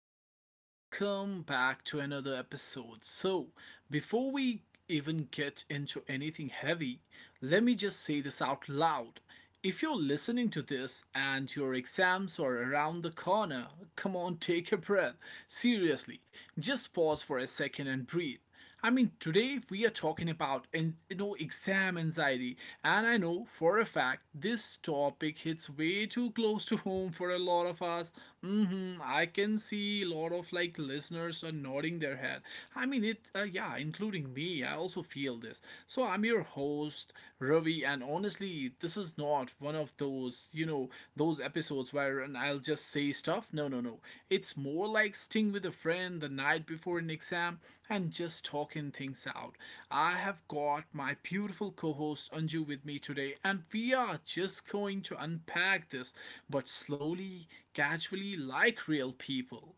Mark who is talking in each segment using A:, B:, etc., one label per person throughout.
A: alright, welcome back to another episode. So, before we even get into anything heavy, let me just say this out loud. If you're listening to this and your exams are around the corner, come on, take a breath. Seriously, just pause for a second and breathe. I mean, today we are talking about in, you know exam anxiety, and I know for a fact this topic hits way too close to home for a lot of us. I can see a lot of like listeners are nodding their head. I mean, it yeah, including me. I also feel this. So I'm your host Ravi, and honestly, this is not one of those, those episodes where and I'll just say stuff. No, no, no. It's more like sitting with a friend the night before an exam and just talking things out. I have got my beautiful co-host Anju with me today, and we are just going to unpack this, but slowly, casually, like real people.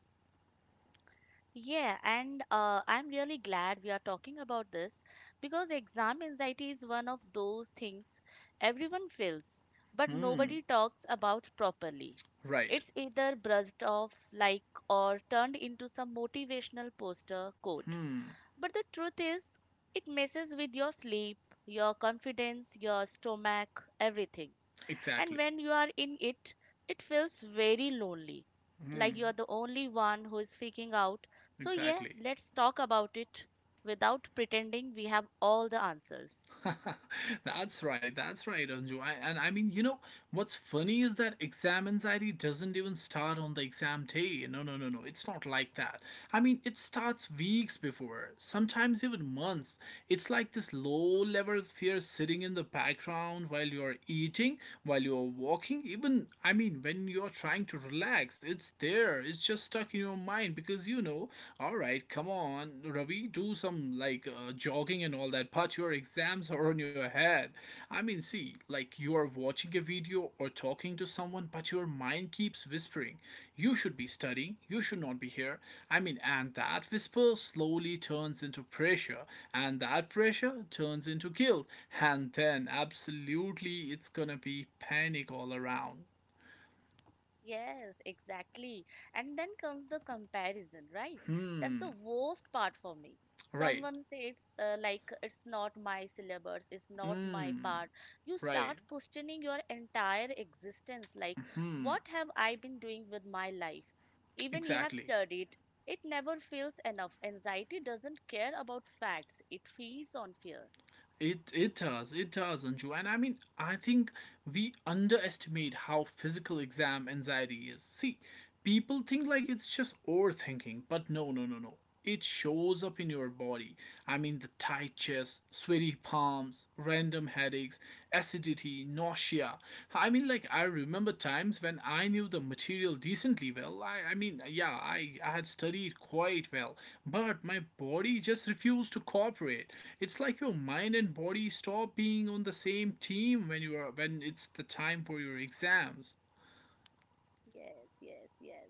B: Yeah, and I'm really glad we are talking about this because exam anxiety is one of those things everyone feels, but nobody talks about properly.
A: Right.
B: It's either brushed off like or turned into some motivational poster quote. But the truth is, it messes with your sleep, your confidence, your stomach, everything. And
A: Exactly.
B: when you are in it, it feels very lonely, like you are the only one who is freaking out. So, yeah,
A: Exactly.
B: let's talk about it without pretending we have all the answers.
A: That's right. That's right, Anju. And I mean, what's funny is that exam anxiety doesn't even start on the exam day. No, no, no, no. It's not like that. I mean, it starts weeks before, sometimes even months. It's like this low level fear sitting in the background while you're eating, while you're walking, even, I mean, when you're trying to relax. It's there. It's just stuck in your mind because, all right, come on, Ravi, do some like jogging and all that, but your exams are on your head. I mean, see, like you are watching a video or talking to someone, but your mind keeps whispering, you should be studying, you should not be here. I mean, and that whisper slowly turns into pressure, and that pressure turns into guilt, and then absolutely it's gonna be panic all around.
B: Yes, exactly. And then comes the comparison, right? That's
A: Hmm,
B: the worst part for me.
A: right.
B: Someone says, like, it's not my syllabus, it's not my
A: Hmm,
B: part. You
A: right,
B: start questioning your entire existence. Like, what have I been doing with my life? Even you have
A: exactly.
B: studied, it never feels enough. Anxiety doesn't care about facts, it feeds on fear.
A: It does, it does, Anju. And I mean, I think we underestimate how physical exam anxiety is. See, people think like it's just overthinking, but no, no, no, no. It shows up in your body. I mean, the tight chest, sweaty palms, random headaches, acidity, nausea. I mean, like, I remember times when I knew the material decently well. I mean, yeah, I had studied quite well, but my body just refused to cooperate. It's like your mind and body stop being on the same team when you are when it's the time for your exams.
B: Yes, yes, yes.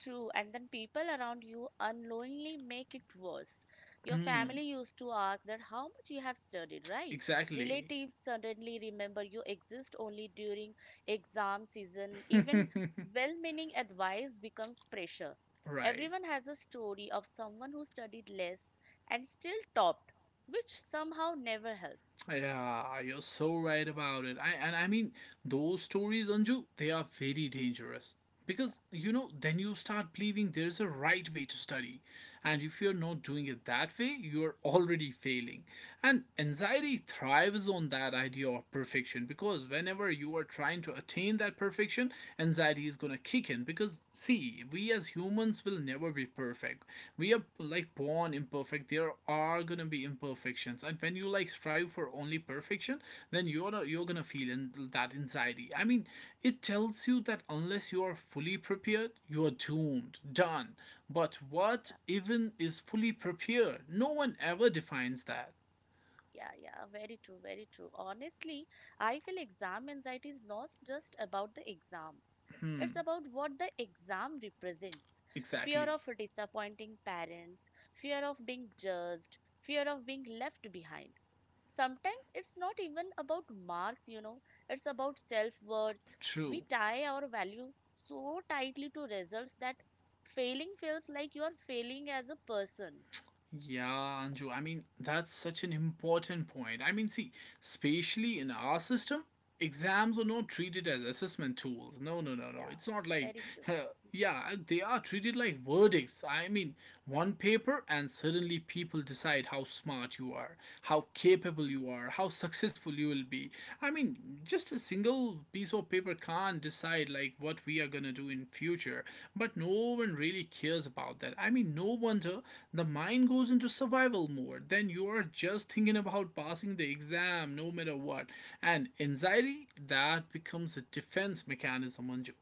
B: True, and then people around you unknowingly make it worse. Your family used to ask that how much you have studied, right?
A: Exactly.
B: Relatives suddenly remember you exist only during exam season. Even well meaning advice becomes pressure.
A: Right.
B: Everyone has a story of someone who studied less and still topped, which somehow never helps.
A: Yeah, you're so right about it. I mean, those stories, Anju, they are very dangerous. Because then you start believing there's a right way to study. And if you're not doing it that way, you're already failing. And anxiety thrives on that idea of perfection, because whenever you are trying to attain that perfection, anxiety is gonna kick in, because see, we as humans will never be perfect. We are, like, born imperfect. There are gonna be imperfections, and when you, like, strive for only perfection, then you're not, you're gonna feel that anxiety. I mean, it tells you that unless you are fully prepared, you are doomed, done. But what even is fully prepared? No one ever defines that.
B: Yeah, yeah, very true, very true. Honestly, I feel exam anxiety is not just about the exam. It's about what the exam represents: fear
A: Exactly.
B: of disappointing parents, fear of being judged, fear of being left behind. Sometimes it's not even about marks, you know, it's about self worth.
A: True.
B: We tie our value so tightly to results that failing feels like you are failing as a person.
A: Yeah, Anju, I mean, that's such an important point. I mean, see, especially in our system, exams are not treated as assessment tools. No, no, no, no.
B: Yeah,
A: It's not like,
B: very true.
A: yeah, they are treated like verdicts. I mean, one paper, and suddenly people decide how smart you are, how capable you are, how successful you will be. I mean, just a single piece of paper can't decide like what we are gonna do in future. But no one really cares about that. I mean, no wonder the mind goes into survival mode. Then you are just thinking about passing the exam, no matter what. And anxiety, that becomes a defense mechanism on you.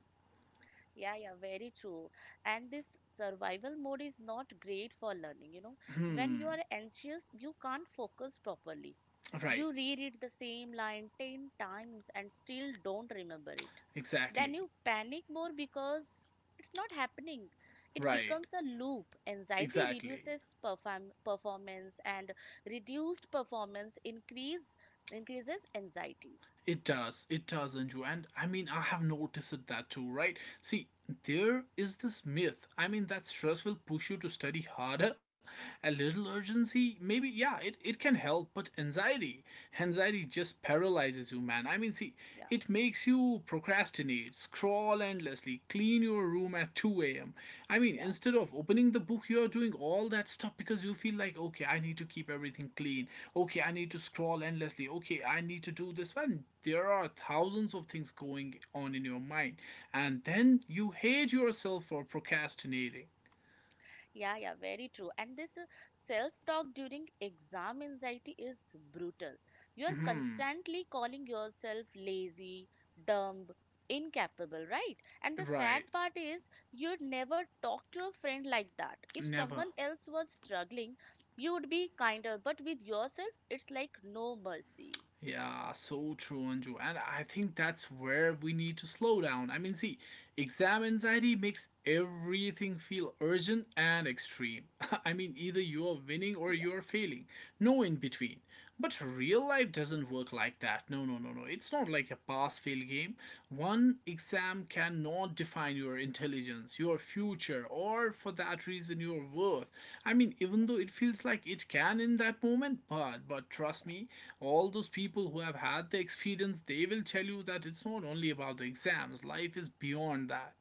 B: Yeah, yeah, very true. And this survival mode is not great for learning, you know. When you
A: Hmm.
B: are anxious, you can't focus properly.
A: Right.
B: You reread the same line 10 times and still don't remember it. Then
A: Exactly.
B: you panic more because it's not happening. It
A: Right.
B: becomes a loop. Anxiety
A: Exactly.
B: reduces performance and reduced performance increases anxiety.
A: It does. It does, Anju. And I mean, I have noticed it that too, right? See, there is this myth. I mean, that stress will push you to study harder. A little urgency, maybe, yeah, it can help, but anxiety, anxiety just paralyzes you, man. I mean, see,
B: Yeah.
A: it makes you procrastinate, scroll endlessly, clean your room at 2 a.m. I mean,
B: Yeah.
A: instead of opening the book, you're doing all that stuff because you feel like, okay, I need to keep everything clean. Okay, I need to scroll endlessly. Okay, I need to do this one. There are thousands of things going on in your mind. And then you hate yourself for procrastinating.
B: Yeah, yeah, very true. And this self talk during exam anxiety is brutal. You are
A: Hmm.
B: constantly calling yourself lazy, dumb, incapable, right? And the
A: Right.
B: sad part is you'd never talk to a friend like that. If
A: Never.
B: someone else was struggling, you would be kinder, but with yourself, it's like no mercy.
A: Yeah, so true, Anju. And I think that's where we need to slow down. I mean, see, exam anxiety makes everything feel urgent and extreme. I mean, either you're winning or
B: Yeah,
A: you're failing. No in between. But real life doesn't work like that. No, no, no, no. It's not like a pass fail game. One exam cannot define your intelligence, your future, or for that reason, your worth. I mean, even though it feels like it can in that moment, but trust me, all those people who have had the experience, they will tell you that it's not only about the exams. Life is beyond that.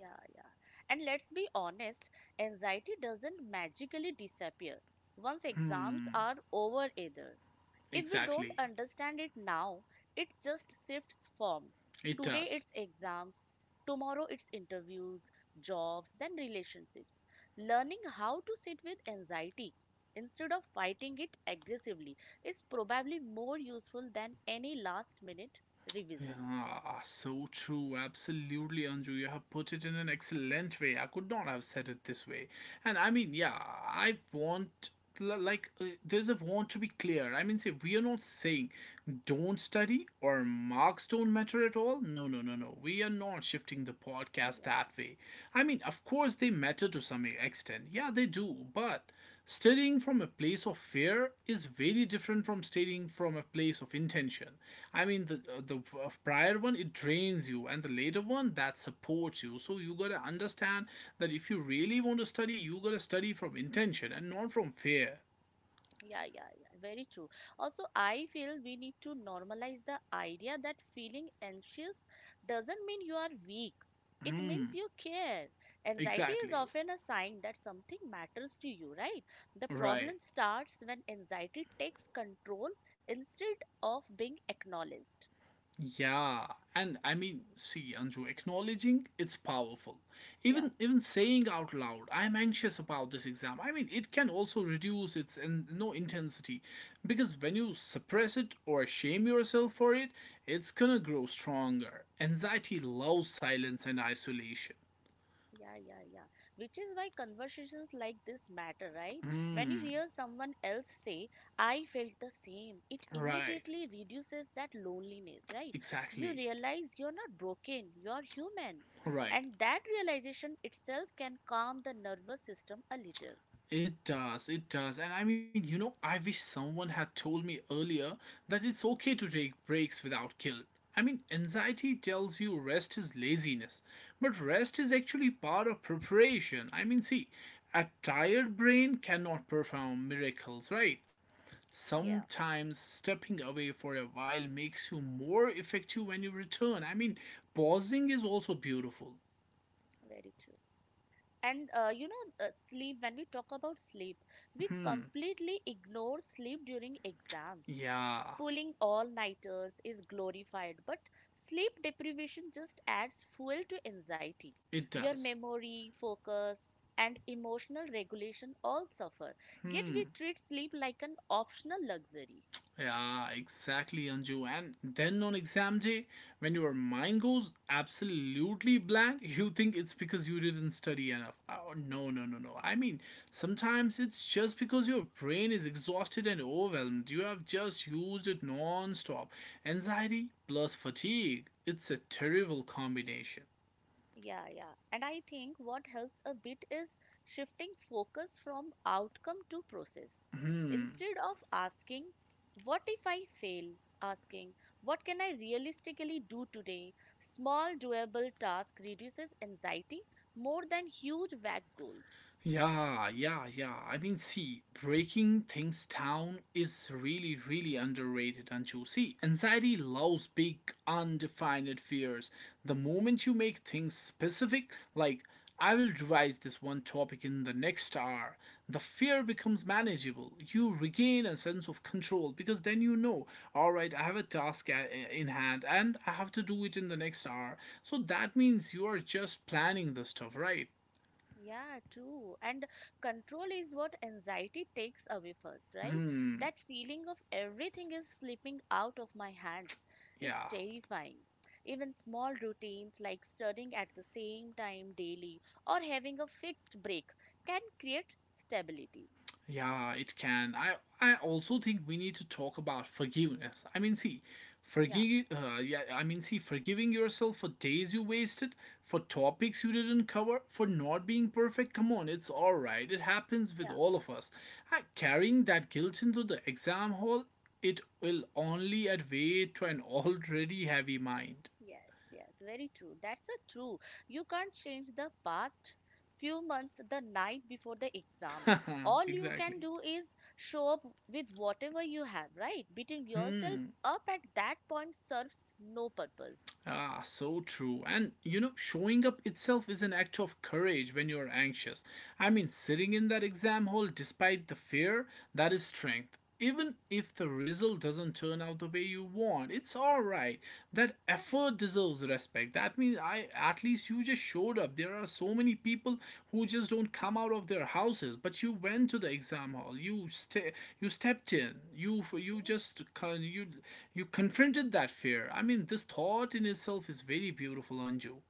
B: yeah, yeah. And let's be honest, anxiety doesn't magically disappear once exams
A: Hmm.
B: are over either. If we don't
A: Exactly.
B: understand it now, it just shifts forms.
A: It
B: Today
A: does.
B: it's exams, tomorrow it's interviews, jobs, then relationships. Learning how to sit with anxiety instead of fighting it aggressively is probably more useful than any last minute revision.
A: Yeah, so true. Absolutely, Anju. You have put it in an excellent way. I could not have said it this way. And I mean, yeah, Like, there's a want to be clear. I mean, say, we are not saying don't study or marks don't matter at all. No, no, no, no. We are not shifting the podcast
B: Yeah.
A: that way. I mean, of course, they matter to some extent. Yeah, they do. But studying from a place of fear is very different from studying from a place of intention. I mean, the prior one, it drains you, and the later one, that supports you. So you gotta understand that if you really want to study, you gotta study from intention and not from fear.
B: Yeah, yeah, yeah, very true. Also, I feel we need to normalize the idea that feeling anxious doesn't mean you are weak. It means
A: Hmm.
B: you care. Anxiety is
A: Exactly.
B: often a sign that something matters to you, right? The
A: Right.
B: problem starts when anxiety takes control instead of being acknowledged.
A: Yeah, and I mean, see, Anju, acknowledging it's powerful.
B: Yeah.
A: Even saying out loud, I'm anxious about this exam. I mean, it can also reduce its in, no intensity, because when you suppress it or shame yourself for it, it's gonna grow stronger. Anxiety loves silence and isolation.
B: Yeah, yeah, yeah. Which is why conversations like this matter, right? When you
A: Hmm.
B: hear someone else say, I felt the same, it
A: Right,
B: immediately reduces that loneliness, right? You
A: exactly.
B: realize you're not broken, you're human.
A: Right.
B: And that realization itself can calm the nervous system a little.
A: It does, it does. And I mean, I wish someone had told me earlier that it's okay to take breaks without guilt. I mean, anxiety tells you rest is laziness, but rest is actually part of preparation. I mean, see, a tired brain cannot perform miracles, right?
B: Yeah,
A: Sometimes stepping away for a while makes you more effective when you return. I mean, pausing is also beautiful.
B: very true. And sleep, when we talk about sleep, we
A: Hmm,
B: completely ignore sleep during exams.
A: yeah,
B: Pulling all nighters is glorified, but sleep deprivation just adds fuel to anxiety.
A: it
B: Your
A: does.
B: memory, focus, and emotional regulation all suffer. Yet we
A: Hmm.
B: treat sleep like an optional luxury.
A: Yeah, exactly, Anju. And then on exam day, when your mind goes absolutely blank, you think it's because you didn't study enough. Oh, no, no, no, no. I mean, sometimes it's just because your brain is exhausted and overwhelmed. You have just used it non stop. Anxiety plus fatigue. It's a terrible combination.
B: Yeah, yeah. And I think what helps a bit is shifting focus from outcome to process.
A: Hmm.
B: Instead of asking, what if I fail? Asking, what can I realistically do today? Small, doable task reduces anxiety more than huge vague goals.
A: Yeah, yeah, yeah. I mean, see, breaking things down is really, really underrated, and you see, anxiety loves big, undefined fears. The moment you make things specific, like, I will revise this one topic in the next hour, the fear becomes manageable. You regain a sense of control, because then you know, all right, I have a task in hand, and I have to do it in the next hour. So that means you are just planning the stuff, right?
B: Yeah, true. And control is what anxiety takes away first, right?
A: Hmm,
B: That feeling of everything is slipping out of my hands is
A: yeah.
B: terrifying. Even small routines like studying at the same time daily or having a fixed break can create stability.
A: Yeah, it can. I also think we need to talk about forgiveness. I mean, see,
B: Yeah.
A: forgive. Yeah, I mean, see, forgiving yourself for days you wasted, for topics you didn't cover, for not being perfect. Come on, it's all right. It happens with all of us. Carrying that guilt into the exam hall, it will only add weight to an already heavy mind.
B: Yes, yes, very true. That's a true. You can't change the past few months the night before the exam. All you
A: Exactly.
B: can do is show up with whatever you have, right? Beating yourself
A: Hmm.
B: up at that point serves no purpose.
A: Ah, so true. And you know, showing up itself is an act of courage when you're anxious. I mean, sitting in that exam hall despite the fear, that is strength. Even if the result doesn't turn out the way you want, it's all right. That
B: Yeah,
A: effort deserves respect. That means, I at least you just showed up. There are so many people who just don't come out of their houses, but you went to the exam hall. You stepped in. You
B: yeah.
A: just kind- you confronted that fear. I mean, this thought in itself is very beautiful, Anju.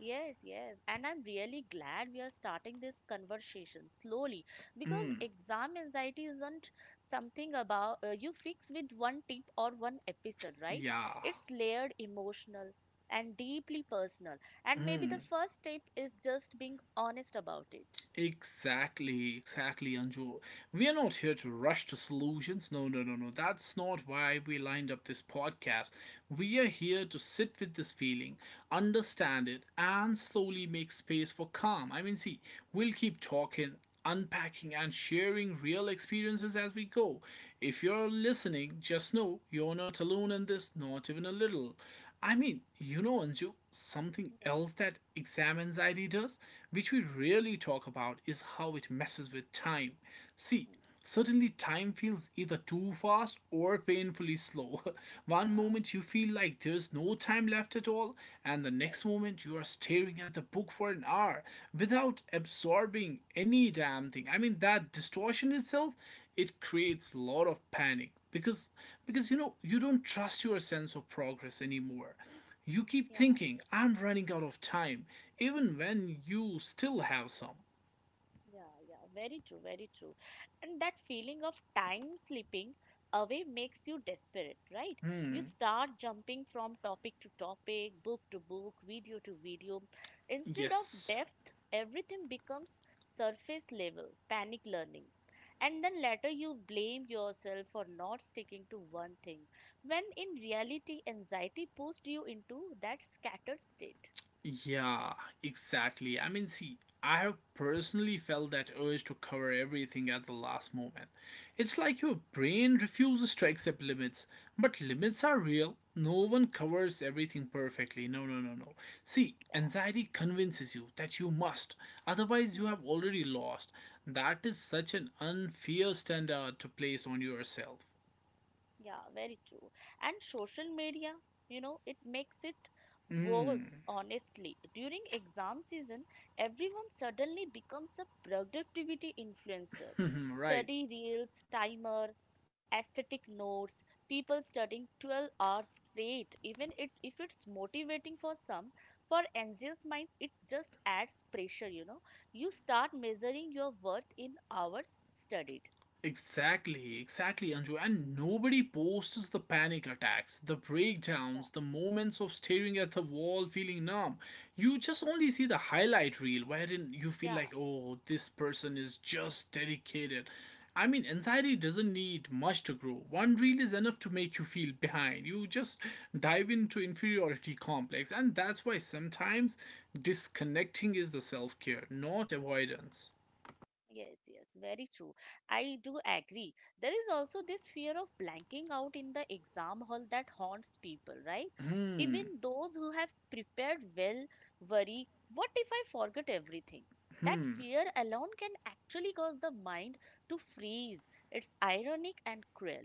B: Yes, yes. And I'm really glad we are starting this conversation slowly because
A: Mm,
B: exam anxiety isn't something about you fix with one tip or one episode, right?
A: yeah.
B: It's layered, emotional, and deeply personal. And maybe the
A: Mm,
B: first step is just being honest about it.
A: exactly, exactly, Anju. We are not here to rush to solutions. No, no, no, no. That's not why we lined up this podcast. We are here to sit with this feeling, understand it, and slowly make space for calm. I mean, see, we'll keep talking unpacking and sharing real experiences as we go. If you're listening, just know you're not alone in this, not even a little. I mean, you know, Anju, something
B: Yeah.
A: else that exam anxiety does, which we rarely talk about, is how it messes with time.
B: Hmm.
A: See, certainly time feels either too fast or painfully slow. One
B: Yeah.
A: moment you feel like there's no time left at all, and the
B: Yes.
A: next moment you are staring at the book for an hour without absorbing any damn thing. I mean, that distortion itself, it creates a lot of panic because you know you don't trust your sense of progress anymore. You keep
B: Yeah.
A: thinking, I'm running out of time, even when you still have some.
B: Yeah, yeah, very true, very true. And that feeling of time slipping away makes you desperate, right? You
A: Hmm.
B: start jumping from topic to topic, book to book, video to video. Instead of
A: Yes.
B: depth, everything becomes surface level, panic learning. And then later you blame yourself for not sticking to one thing, when in reality, anxiety pushed you into that scattered state.
A: Yeah, exactly. I mean, see, I have personally felt that urge to cover everything at the last moment. It's like your brain refuses to accept limits, but limits are real. No one covers everything perfectly. No, no, no, no. See,
B: Yeah.
A: anxiety convinces you that you must, otherwise, you
B: Hmm.
A: have already lost. That is such an unfair standard to place on yourself.
B: Yeah, very true. And social media, you know, it makes it
A: Mm,
B: worse, honestly. During exam season, everyone suddenly becomes a productivity influencer.
A: right.
B: Study reels, timer, aesthetic notes, people studying 12 hours straight. Even it, if it's motivating for some, for anxious minds, it just adds pressure, you know. You start measuring your worth in hours studied.
A: Exactly, exactly, Anju. And nobody posts the panic attacks, the breakdowns,
B: Yeah.
A: the moments of staring at the wall feeling numb. You just only see the highlight reel wherein you feel
B: Yeah.
A: like, oh, this person is just dedicated. I mean, anxiety doesn't need much to grow. One reel is enough to make you feel behind. You just dive into inferiority complex. And that's why sometimes disconnecting is the self care, not avoidance.
B: Yes, yes, very true. I do agree. There is also this fear of blanking out in the exam hall that haunts people, right? Even
A: Hmm,
B: those who have prepared well worry, what if I forget everything? That
A: hmm.
B: fear alone can actually cause the mind to freeze. It's ironic and cruel.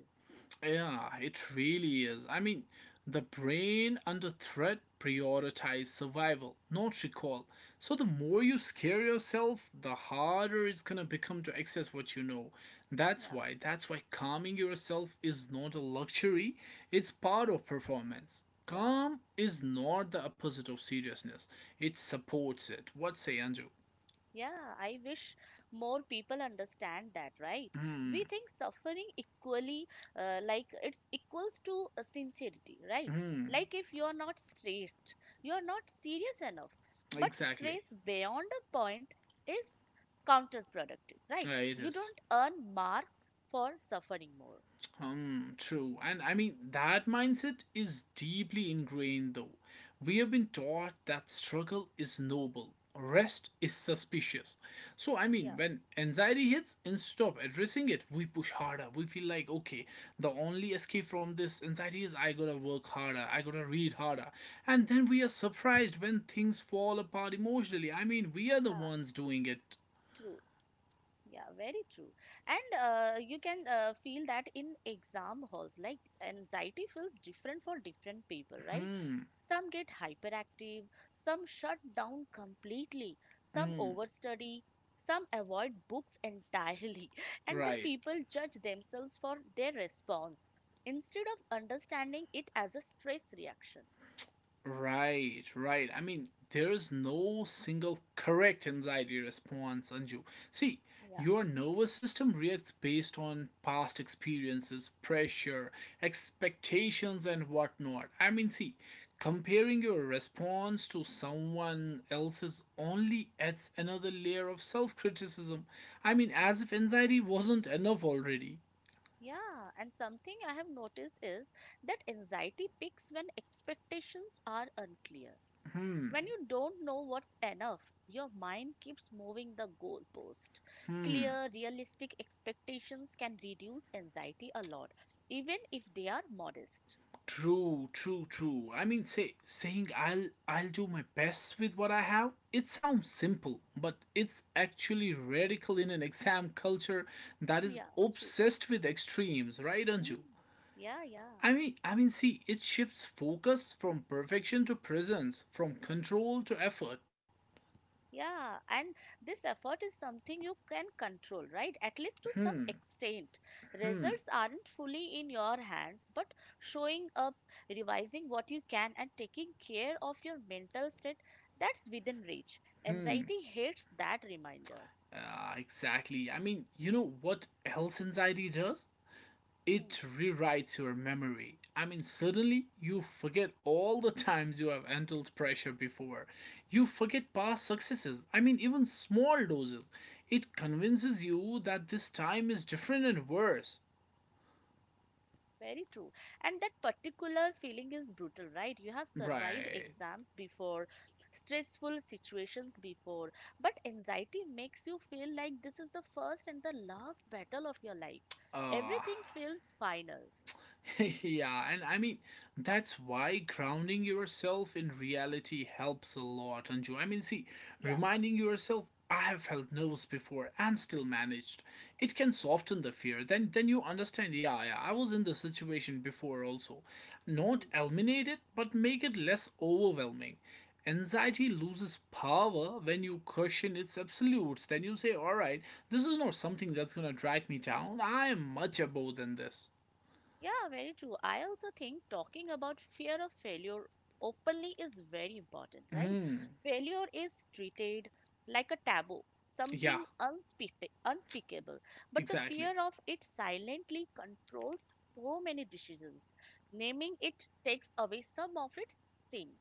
A: Yeah, it really is. I mean, the brain under threat prioritizes survival, not recall. So the more you scare yourself, the harder it's gonna become to access what you know. That's
B: Yeah,
A: why, that's why calming yourself is not a luxury, it's part of performance.
B: yeah.
A: Calm is not the opposite of seriousness. It supports it. What say, Anju?
B: Yeah, I wish more people understand that, right?
A: Hmm,
B: We think suffering equally, like it's equals to sincerity, right?
A: hmm,
B: Like if you're not stressed, you're not serious enough. But
A: exactly.
B: stress beyond a point is counterproductive, right?
A: Yeah, it
B: You
A: is.
B: don't earn marks for suffering more.
A: True. And I mean, that mindset is deeply ingrained, though. We have been taught that struggle is noble, rest is suspicious. So, I mean,
B: Yeah,
A: when anxiety hits, instead of addressing it, we push harder. We feel like, okay, the only escape from this anxiety is I gotta work harder, I gotta read harder. And then we are surprised when things fall apart emotionally. I mean, we are the
B: yeah,
A: ones doing it.
B: true. Yeah, very true. And you can feel that in exam halls, like anxiety feels different for different people, right?
A: Hmm.
B: Some get hyperactive, some shut down completely, some
A: Mm,
B: overstudy, some avoid books entirely, and then
A: right.
B: people judge themselves for their response instead of understanding it as a stress reaction.
A: Right, right. I mean, there is no single correct anxiety response, Anju. See,
B: Yeah,
A: your nervous system reacts based on past experiences, pressure, expectations, and whatnot. I mean, see, comparing your response to someone else's only adds another layer of self criticism. I mean, as if anxiety wasn't enough already.
B: yeah, and something I have noticed is that anxiety peaks when expectations are unclear.
A: Hmm,
B: When you don't know what's enough, your mind keeps moving the goalpost.
A: hmm.
B: Clear, realistic expectations can reduce anxiety a lot, even if they are modest.
A: True, true, true. I mean, saying I'll do my best with what I have. It sounds simple, but it's actually radical in an exam culture that is
B: Yeah, true.
A: obsessed with extremes, right, Anju?
B: Mm. Yeah, yeah.
A: I mean, see, it shifts focus from perfection to presence, from control to effort.
B: Yeah, and this effort is something you can control, right? At least to some
A: Hmm,
B: extent.
A: hmm,
B: Results aren't fully in your hands, but showing up, revising what you can, and taking care of your mental state, that's within reach.
A: hmm.
B: Anxiety hates that reminder.
A: Ah, exactly. I mean, you know what else anxiety does? It
B: Hmm.
A: rewrites your memory. I mean, suddenly you forget all the times you have handled pressure before. You forget past successes. I mean, even small doses. It convinces you that this time is different and worse.
B: Very true. And that particular feeling is brutal, right? You have survived
A: Right.
B: exams before, stressful situations before, but anxiety makes you feel like this is the first and the last battle of your life.
A: Uh,
B: Everything feels final.
A: yeah, and I mean, that's why grounding yourself in reality helps a lot, Anju. I mean, see,
B: Yeah.
A: reminding yourself, I have felt nervous before and still managed, it can soften the fear. Then you understand, yeah, yeah, I was in the situation before also. Not
B: Mm.
A: eliminate it, but make it less overwhelming.
B: Yeah.
A: Anxiety loses power when you question its absolutes. Then you say, all right, this is not something that's gonna drag me down. I am much above than this.
B: Yeah, very true. I also think talking about fear of failure openly is very important, right?
A: Hmm.
B: Failure is treated like a taboo,
A: Yeah,
B: something unspeakable, but the
A: exactly.
B: fear of it silently controls so many decisions. Naming it takes away some of its sting.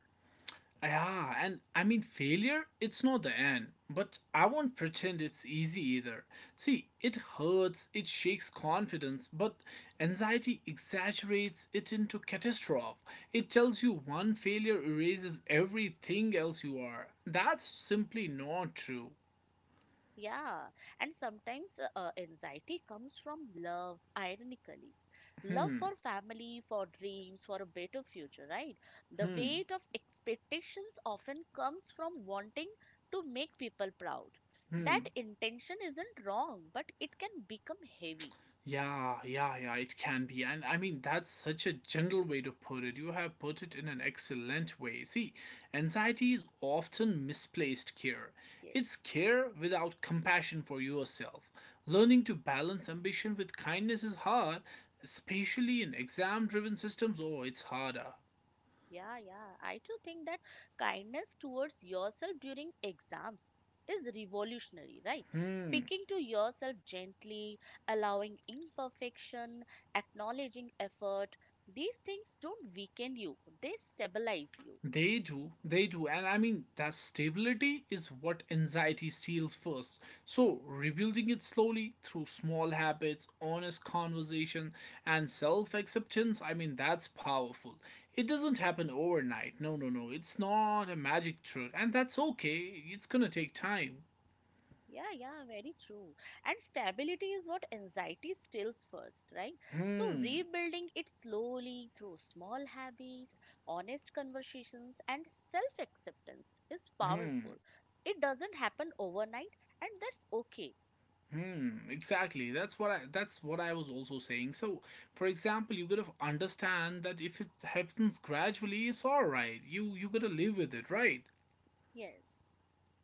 A: Yeah, and I mean, failure, it's not the end, but I won't pretend it's easy either. See, it hurts, it shakes confidence, but anxiety exaggerates it into catastrophe. It tells you one failure erases everything else you are. That's simply not true.
B: Yeah, and sometimes anxiety comes from love, ironically. Love
A: Hmm,
B: for family, for dreams, for a better future, right? The
A: hmm,
B: weight of expectations often comes from wanting to make people proud.
A: hmm.
B: That intention isn't wrong, but it can become heavy.
A: Yeah, yeah, yeah, it can be. And I mean, that's such a general way to put it. You have put it in an excellent way. See, anxiety is often misplaced care.
B: Yes.
A: It's care without compassion for yourself. Learning to balance ambition with kindness is hard, especially in exam driven systems. Oh, it's harder.
B: Yeah, yeah. I too think that kindness towards yourself during exams is revolutionary, right?
A: Hmm.
B: Speaking to yourself gently, allowing imperfection, acknowledging effort, these things don't weaken you, they stabilize you.
A: They do, and I mean, that stability is what anxiety steals first. So, rebuilding it slowly through small habits, honest conversation, and self acceptance, I mean, that's powerful. It doesn't happen overnight. No, no, no, it's not a magic trick, and that's okay, it's gonna take time.
B: Yeah, yeah, very true. And stability is what anxiety steals first, right? So,
A: Hmm,
B: rebuilding it slowly through small habits, honest conversations, and self acceptance is
A: hmm.
B: powerful. It doesn't happen overnight, and that's okay.
A: Hmm, exactly. That's what I was also saying. So, for example, you gotta understand that if it happens gradually, it's all right. You gotta live with it, right?
B: Yes,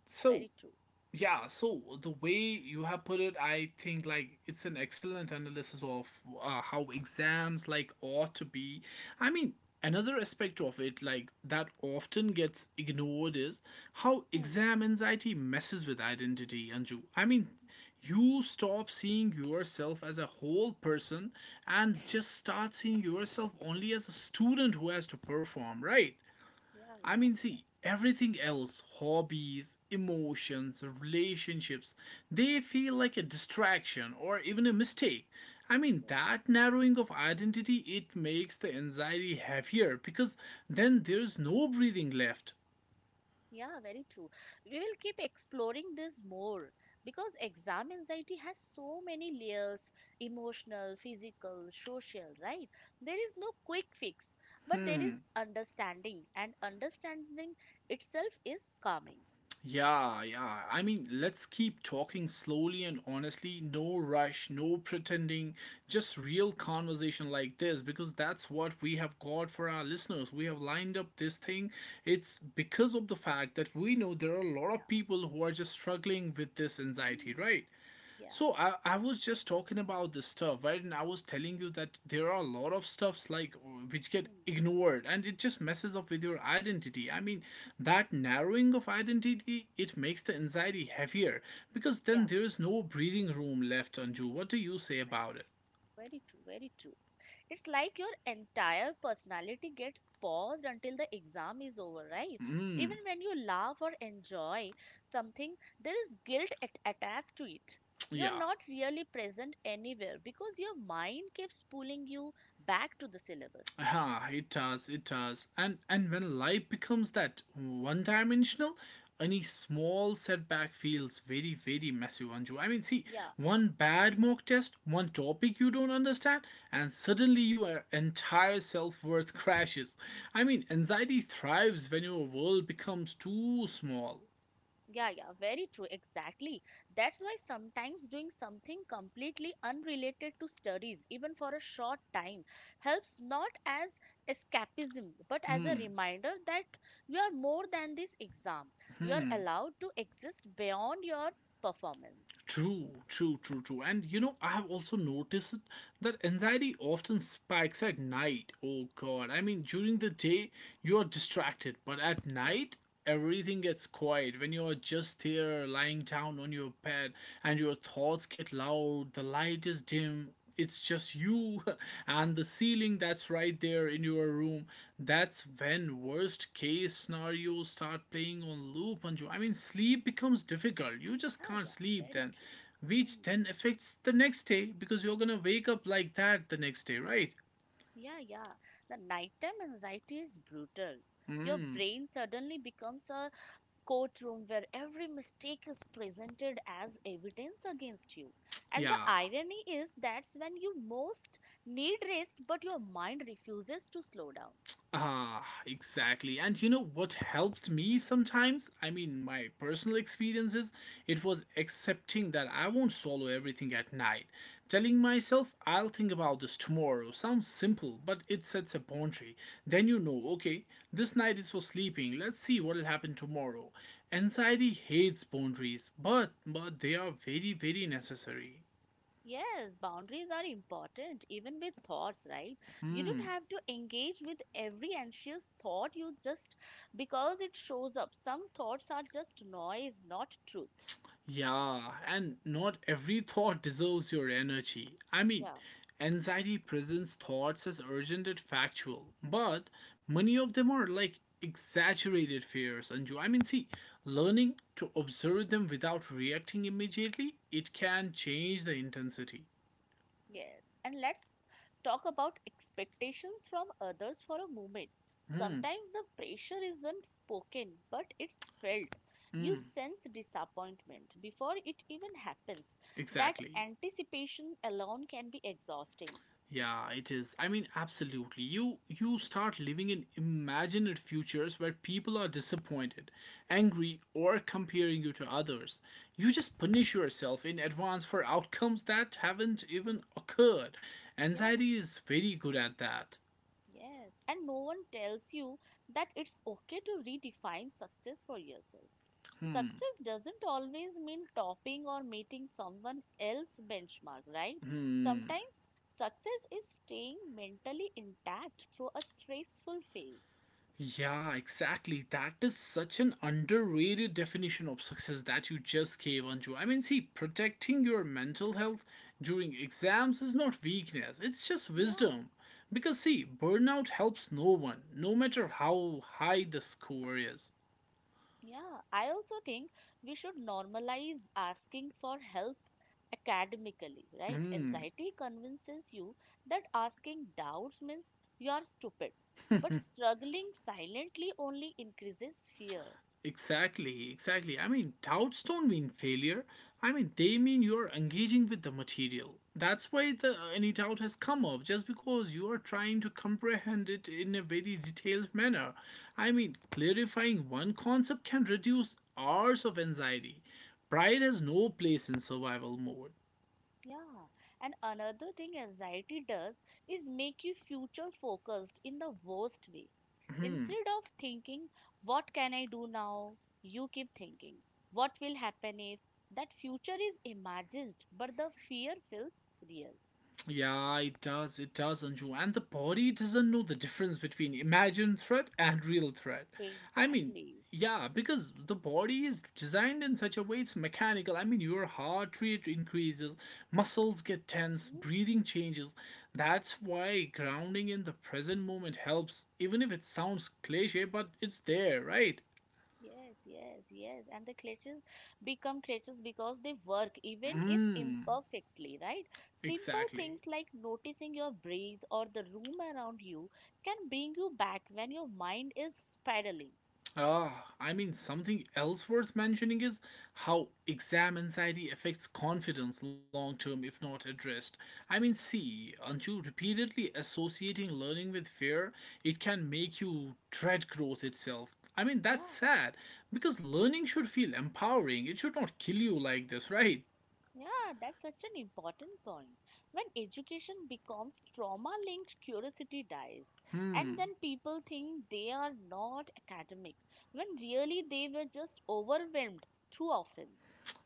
A: So,
B: very true.
A: yeah, so the way you have put it, I think like it's an excellent analysis of how exams like ought to be. I mean, another aspect of it like that often gets ignored is how
B: Hmm.
A: exam anxiety messes with identity, Anju. I mean, you stop seeing yourself as a whole person and
B: Mm.
A: just start seeing yourself only as a student who has to perform, right?
B: Yeah,
A: I
B: yeah,
A: mean,
B: yeah.
A: see, everything else hobbies, emotions, relationships they feel like a distraction or even a mistake. I mean, that narrowing of identity it makes the anxiety heavier because then there's no breathing left.
B: Yeah, very true. We will keep exploring this more because exam anxiety has so many layers, emotional, physical, social, right? There is no quick fix, but there is
A: Hmm.
B: understanding, and understanding itself is calming.
A: Yeah, yeah. I mean, let's keep talking slowly and honestly. No rush, no pretending, just real conversation like this because that's what we have got for our listeners. We have lined up this thing. It's because of the fact that we know there are a lot
B: Yeah.
A: of people who are just struggling with this anxiety,
B: Mm,
A: right?
B: yeah.
A: So I was just talking about this stuff, right? And I was telling you that there are a lot of stuffs like which get
B: Mm,
A: ignored and it just messes up with your identity. I mean, that narrowing of identity, it makes the anxiety heavier because
B: yeah.
A: then there is no breathing room left, Anju. What do you say about it?
B: Very, very true. Very true. It's like your entire personality gets paused until the exam is over, right?
A: Mm,
B: Even when you laugh or enjoy something, there is guilt attached to it. You're
A: yeah.
B: not really present anywhere because your mind keeps pulling you back to the syllabus.
A: Ah, it does, it does. And when life becomes that one-dimensional, any small setback feels very, very massive, Anju. I mean, see, one bad mock test, one topic you don't understand, and suddenly your entire self-worth crashes. I mean, anxiety thrives when your world becomes too small.
B: Yeah, yeah, very true. Exactly. That's why sometimes doing something completely unrelated to studies, even for a short time, helps not as escapism, but as a
A: Hmm,
B: reminder that you are more than this exam. You are
A: hmm.
B: allowed to exist beyond your performance.
A: True, true, true, true. And you know, I have also noticed that anxiety often spikes at night. Oh god. I mean, during the day you are distracted, but at
B: Yeah,
A: night everything gets quiet when you're just there lying down on your bed and your thoughts get loud, the light is dim, it's just you and the ceiling that's right there in your room, that's when worst case scenarios start playing on loop, Anju. I mean, sleep becomes difficult. You just can't
B: yeah, yeah,
A: sleep
B: very
A: then,
B: true.
A: which
B: Hmm.
A: then affects the next day because you're gonna wake up like that the next day, right?
B: Yeah, yeah. The nighttime anxiety is brutal. Your
A: Mm,
B: brain suddenly becomes a courtroom where every mistake is presented as evidence against you. And the
A: yeah.
B: irony is that's when you most need rest, but your mind refuses to slow down.
A: Ah, exactly. And you know what helped me sometimes? I mean, my personal experiences, it was accepting that I won't swallow everything at night. Telling myself, I'll think about this tomorrow sounds simple, but it sets a boundary. Then you know, okay, this night is for sleeping, let's see what'll happen tomorrow. Anxiety hates boundaries, but they are very, very necessary.
B: Yes, boundaries are important, even with thoughts, right? You don't
A: Hmm.
B: have to engage with every anxious thought you just because it shows up. Some thoughts are just noise, not truth.
A: Yeah, and not every thought deserves your energy. I mean,
B: Yeah. Mm.
A: anxiety presents thoughts as urgent and factual, but many of them are like exaggerated fears, Anju. I mean, see,
B: Yes.
A: learning to observe them without reacting immediately, it can change the intensity.
B: Yes. And let's talk about expectations from others for a moment.
A: Hmm,
B: Sometimes the pressure isn't spoken, but it's felt. You
A: hmm,
B: sense disappointment before it even happens. That
A: exactly.
B: anticipation alone can be exhausting.
A: Yeah, it is. I mean, absolutely. You start living in imagined futures where people are disappointed, angry, or comparing you to others. You just punish yourself in advance for outcomes that haven't even occurred.
B: Yeah,
A: Anxiety is very good at that.
B: yes. And no one tells you that it's okay to redefine success for yourself.
A: Hmm.
B: Success doesn't always mean topping or meeting someone else's benchmark, right?
A: Hmm.
B: Sometimes success is staying mentally intact through a stressful phase.
A: Yeah, exactly. That is such an underrated definition of success that you just gave, Anju. I mean, see, protecting your mental health during exams is not weakness, it's just
B: Yeah,
A: wisdom. Because, see, burnout helps no one, no matter how high the score is.
B: yeah. I also think we should normalize asking for help academically, right?
A: Mm.
B: Anxiety convinces you that asking doubts means you are stupid, but struggling silently only increases fear.
A: Exactly, exactly. I mean, doubts don't mean failure. I mean, they mean you're engaging with the material. That's why the any doubt has come up, just because you are trying to comprehend it in a very detailed manner. I mean, clarifying one concept can reduce hours of anxiety. Pride has no place in survival mode.
B: Yeah, and another thing anxiety does is make you future focused in the worst way.
A: Hmm.
B: Instead of thinking, what can I do now? You keep thinking, what will happen if that future is imagined, but the fear feels real.
A: Yeah, it does. It does, Anju. And the body doesn't know the difference between imagined threat and real threat. I mean,
B: Exactly.
A: yeah, because the body is designed in such a way it's mechanical. Your heart rate increases, muscles get tense,
B: Hmm.
A: breathing changes. That's why grounding in the present moment helps, even if it sounds cliche, but it's there, right?
B: Yes, yes, yes. And the clutches become clutches because they work, even if
A: Mmm,
B: imperfectly, right? Simple
A: exactly.
B: things like noticing your breath or the room around you can bring you back when your mind is spiraling.
A: Uh, Something else worth mentioning is how exam anxiety affects confidence long term if not addressed. See, Anju, repeatedly associating learning with fear, it can make you dread growth itself. That's
B: Yeah,
A: sad because learning should feel empowering, it should not kill you like this, right?
B: yeah, that's such an important point. When education becomes trauma-linked, curiosity dies. And
A: Hmm.
B: then people think they are not academic, when really they were just overwhelmed too often.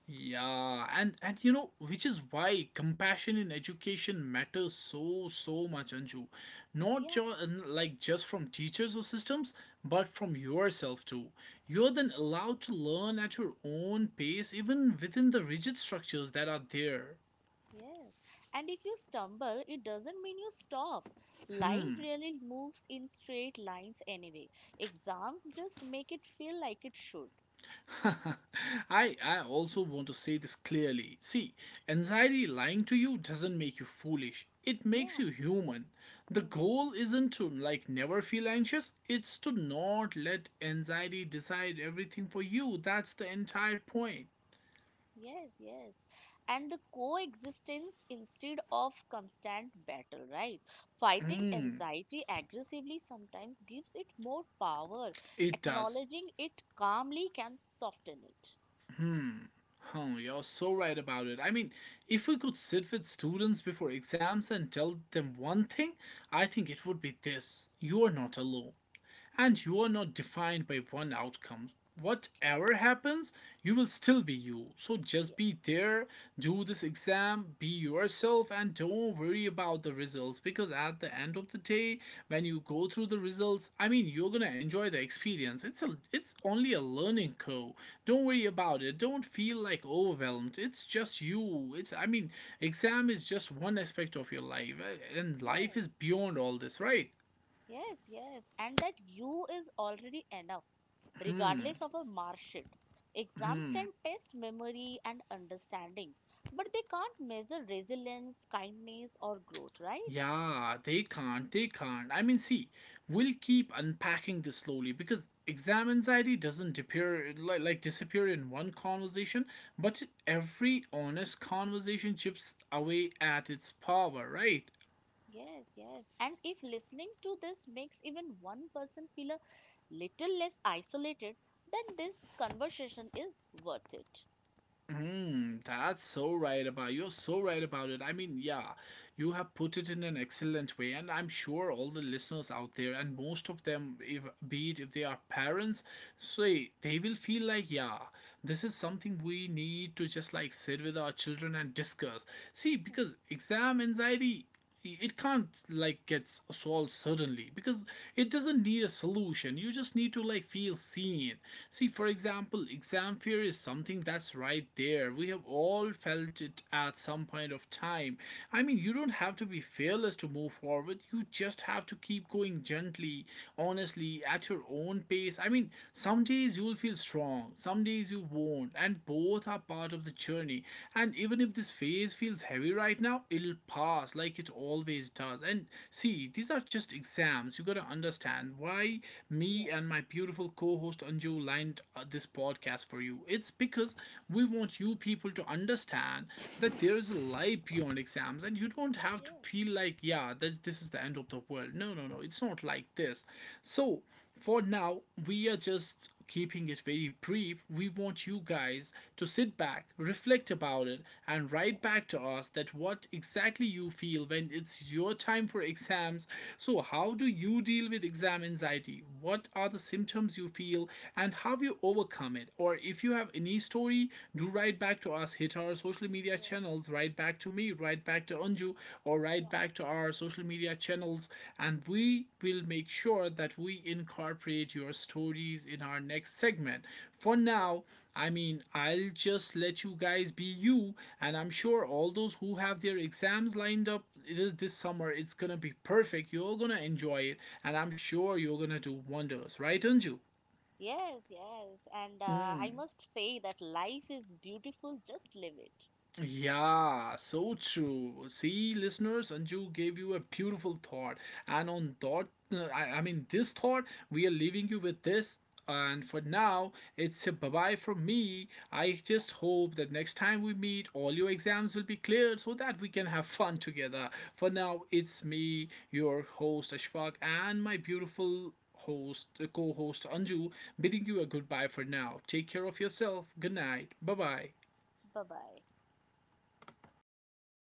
A: Yeah, and, which is why compassion in education matters so much, Anju. Not
B: Yeah.
A: just just from teachers or systems, but from yourself too. You're then allowed to learn at your own pace, even within the rigid structures that are there.
B: Yes. And if you stumble, it doesn't mean you stop.
A: Hmm.
B: Life really moves in straight lines anyway. Exams just make it feel like it should.
A: I also want to say this clearly. See, anxiety lying to you doesn't make you foolish. It makes
B: Yeah.
A: you human. The
B: Hmm.
A: goal isn't to never feel anxious. It's to not let anxiety decide everything for you. That's the entire point.
B: Yes, yes. And the coexistence instead of constant battle, right? Fighting
A: Hmm.
B: anxiety aggressively sometimes gives it more power.
A: It does.
B: Acknowledging it calmly can soften it.
A: Hmm. Oh, you're so right about it. If we could sit with students before exams and tell them one thing, I think it would be this. You are not alone, and you are not defined by one outcome.
B: True.
A: Whatever happens, you will still be you. So just be there, do this exam, be yourself, and don't worry about the results because at the end of the day, when you go through the results, you're gonna enjoy the experience. It's only a learning curve. Don't worry about it. Don't feel like overwhelmed. It's just you. Exam is just one aspect of your life, and life
B: Yeah.
A: is beyond all this, right?
B: Yes, yes. And that you is already enough,
A: Hmm.
B: regardless of a mark sheet. Exams can
A: Hmm.
B: test memory and understanding, but they can't measure resilience, kindness, or growth, right?
A: Yeah, they can't. They can't. See, we'll keep unpacking this slowly because exam anxiety doesn't appear disappear in one conversation, but every honest conversation chips away at its power, right?
B: Yes, yes. And if listening to this makes even one person feel a little less isolated, then this conversation is worth it.
A: Mm, that's so right about You're so right about it. Yeah, you have put it in an excellent way, and I'm sure all the listeners out there, and most of them, if be it if they are parents, say they will feel like, yeah, this is something we need to just sit with our children and discuss. See, because exam anxiety, it can't gets solved suddenly because it doesn't need a solution. You just need to feel seen. See, for example, exam fear is something that's right there. We have all felt it at some point of time. You don't have to be fearless to move forward. You just have to keep going gently, honestly, at your own pace. Some days you'll feel strong, some days you won't, and both are part of the journey. And even if this phase feels heavy right now, it'll pass like it always does. And see, these are just exams. You gotta understand why me
B: Yes,
A: and my beautiful co host Anju lined this podcast for you. It's because we want you people to understand that there is a life beyond exams and you don't have to
B: yes,
A: feel like, yeah, this is the end of the world. No, no, no, it's not like this. So, for now, we are just keeping it very brief. We want you guys to sit back, reflect about it, and write back to us that what exactly you feel when it's your time for exams. So, how do you deal with exam anxiety? What are the symptoms you feel and how you overcome it? Or if you have any story, do write back to us, hit our social media channels, write back to me, write back to Anju, or write back to our social media channels, and we will make sure that we incorporate your stories in our next segment. For
B: yes.
A: now, I'll just let you guys be you, and I'm sure all those who have their exams lined up this summer, it's gonna be perfect. You're gonna enjoy it, and I'm sure you're gonna do wonders, right, Anju?
B: Yes, yes. And
A: Mm,
B: I must say that life is beautiful, just live it.
A: yeah, so true. See, listeners, Anju gave you a beautiful thought, and on thought, this thought, we are leaving you with this. And for
B: Thank
A: now,
B: you.
A: it's a bye bye from me. I just hope that next time we meet, all your exams will be cleared so that we can have fun together. For now, it's me, your host Ashfaq, and my beautiful host, co host Anju, bidding you a goodbye for now. Take care of yourself. Good night. Bye bye.
B: Bye-bye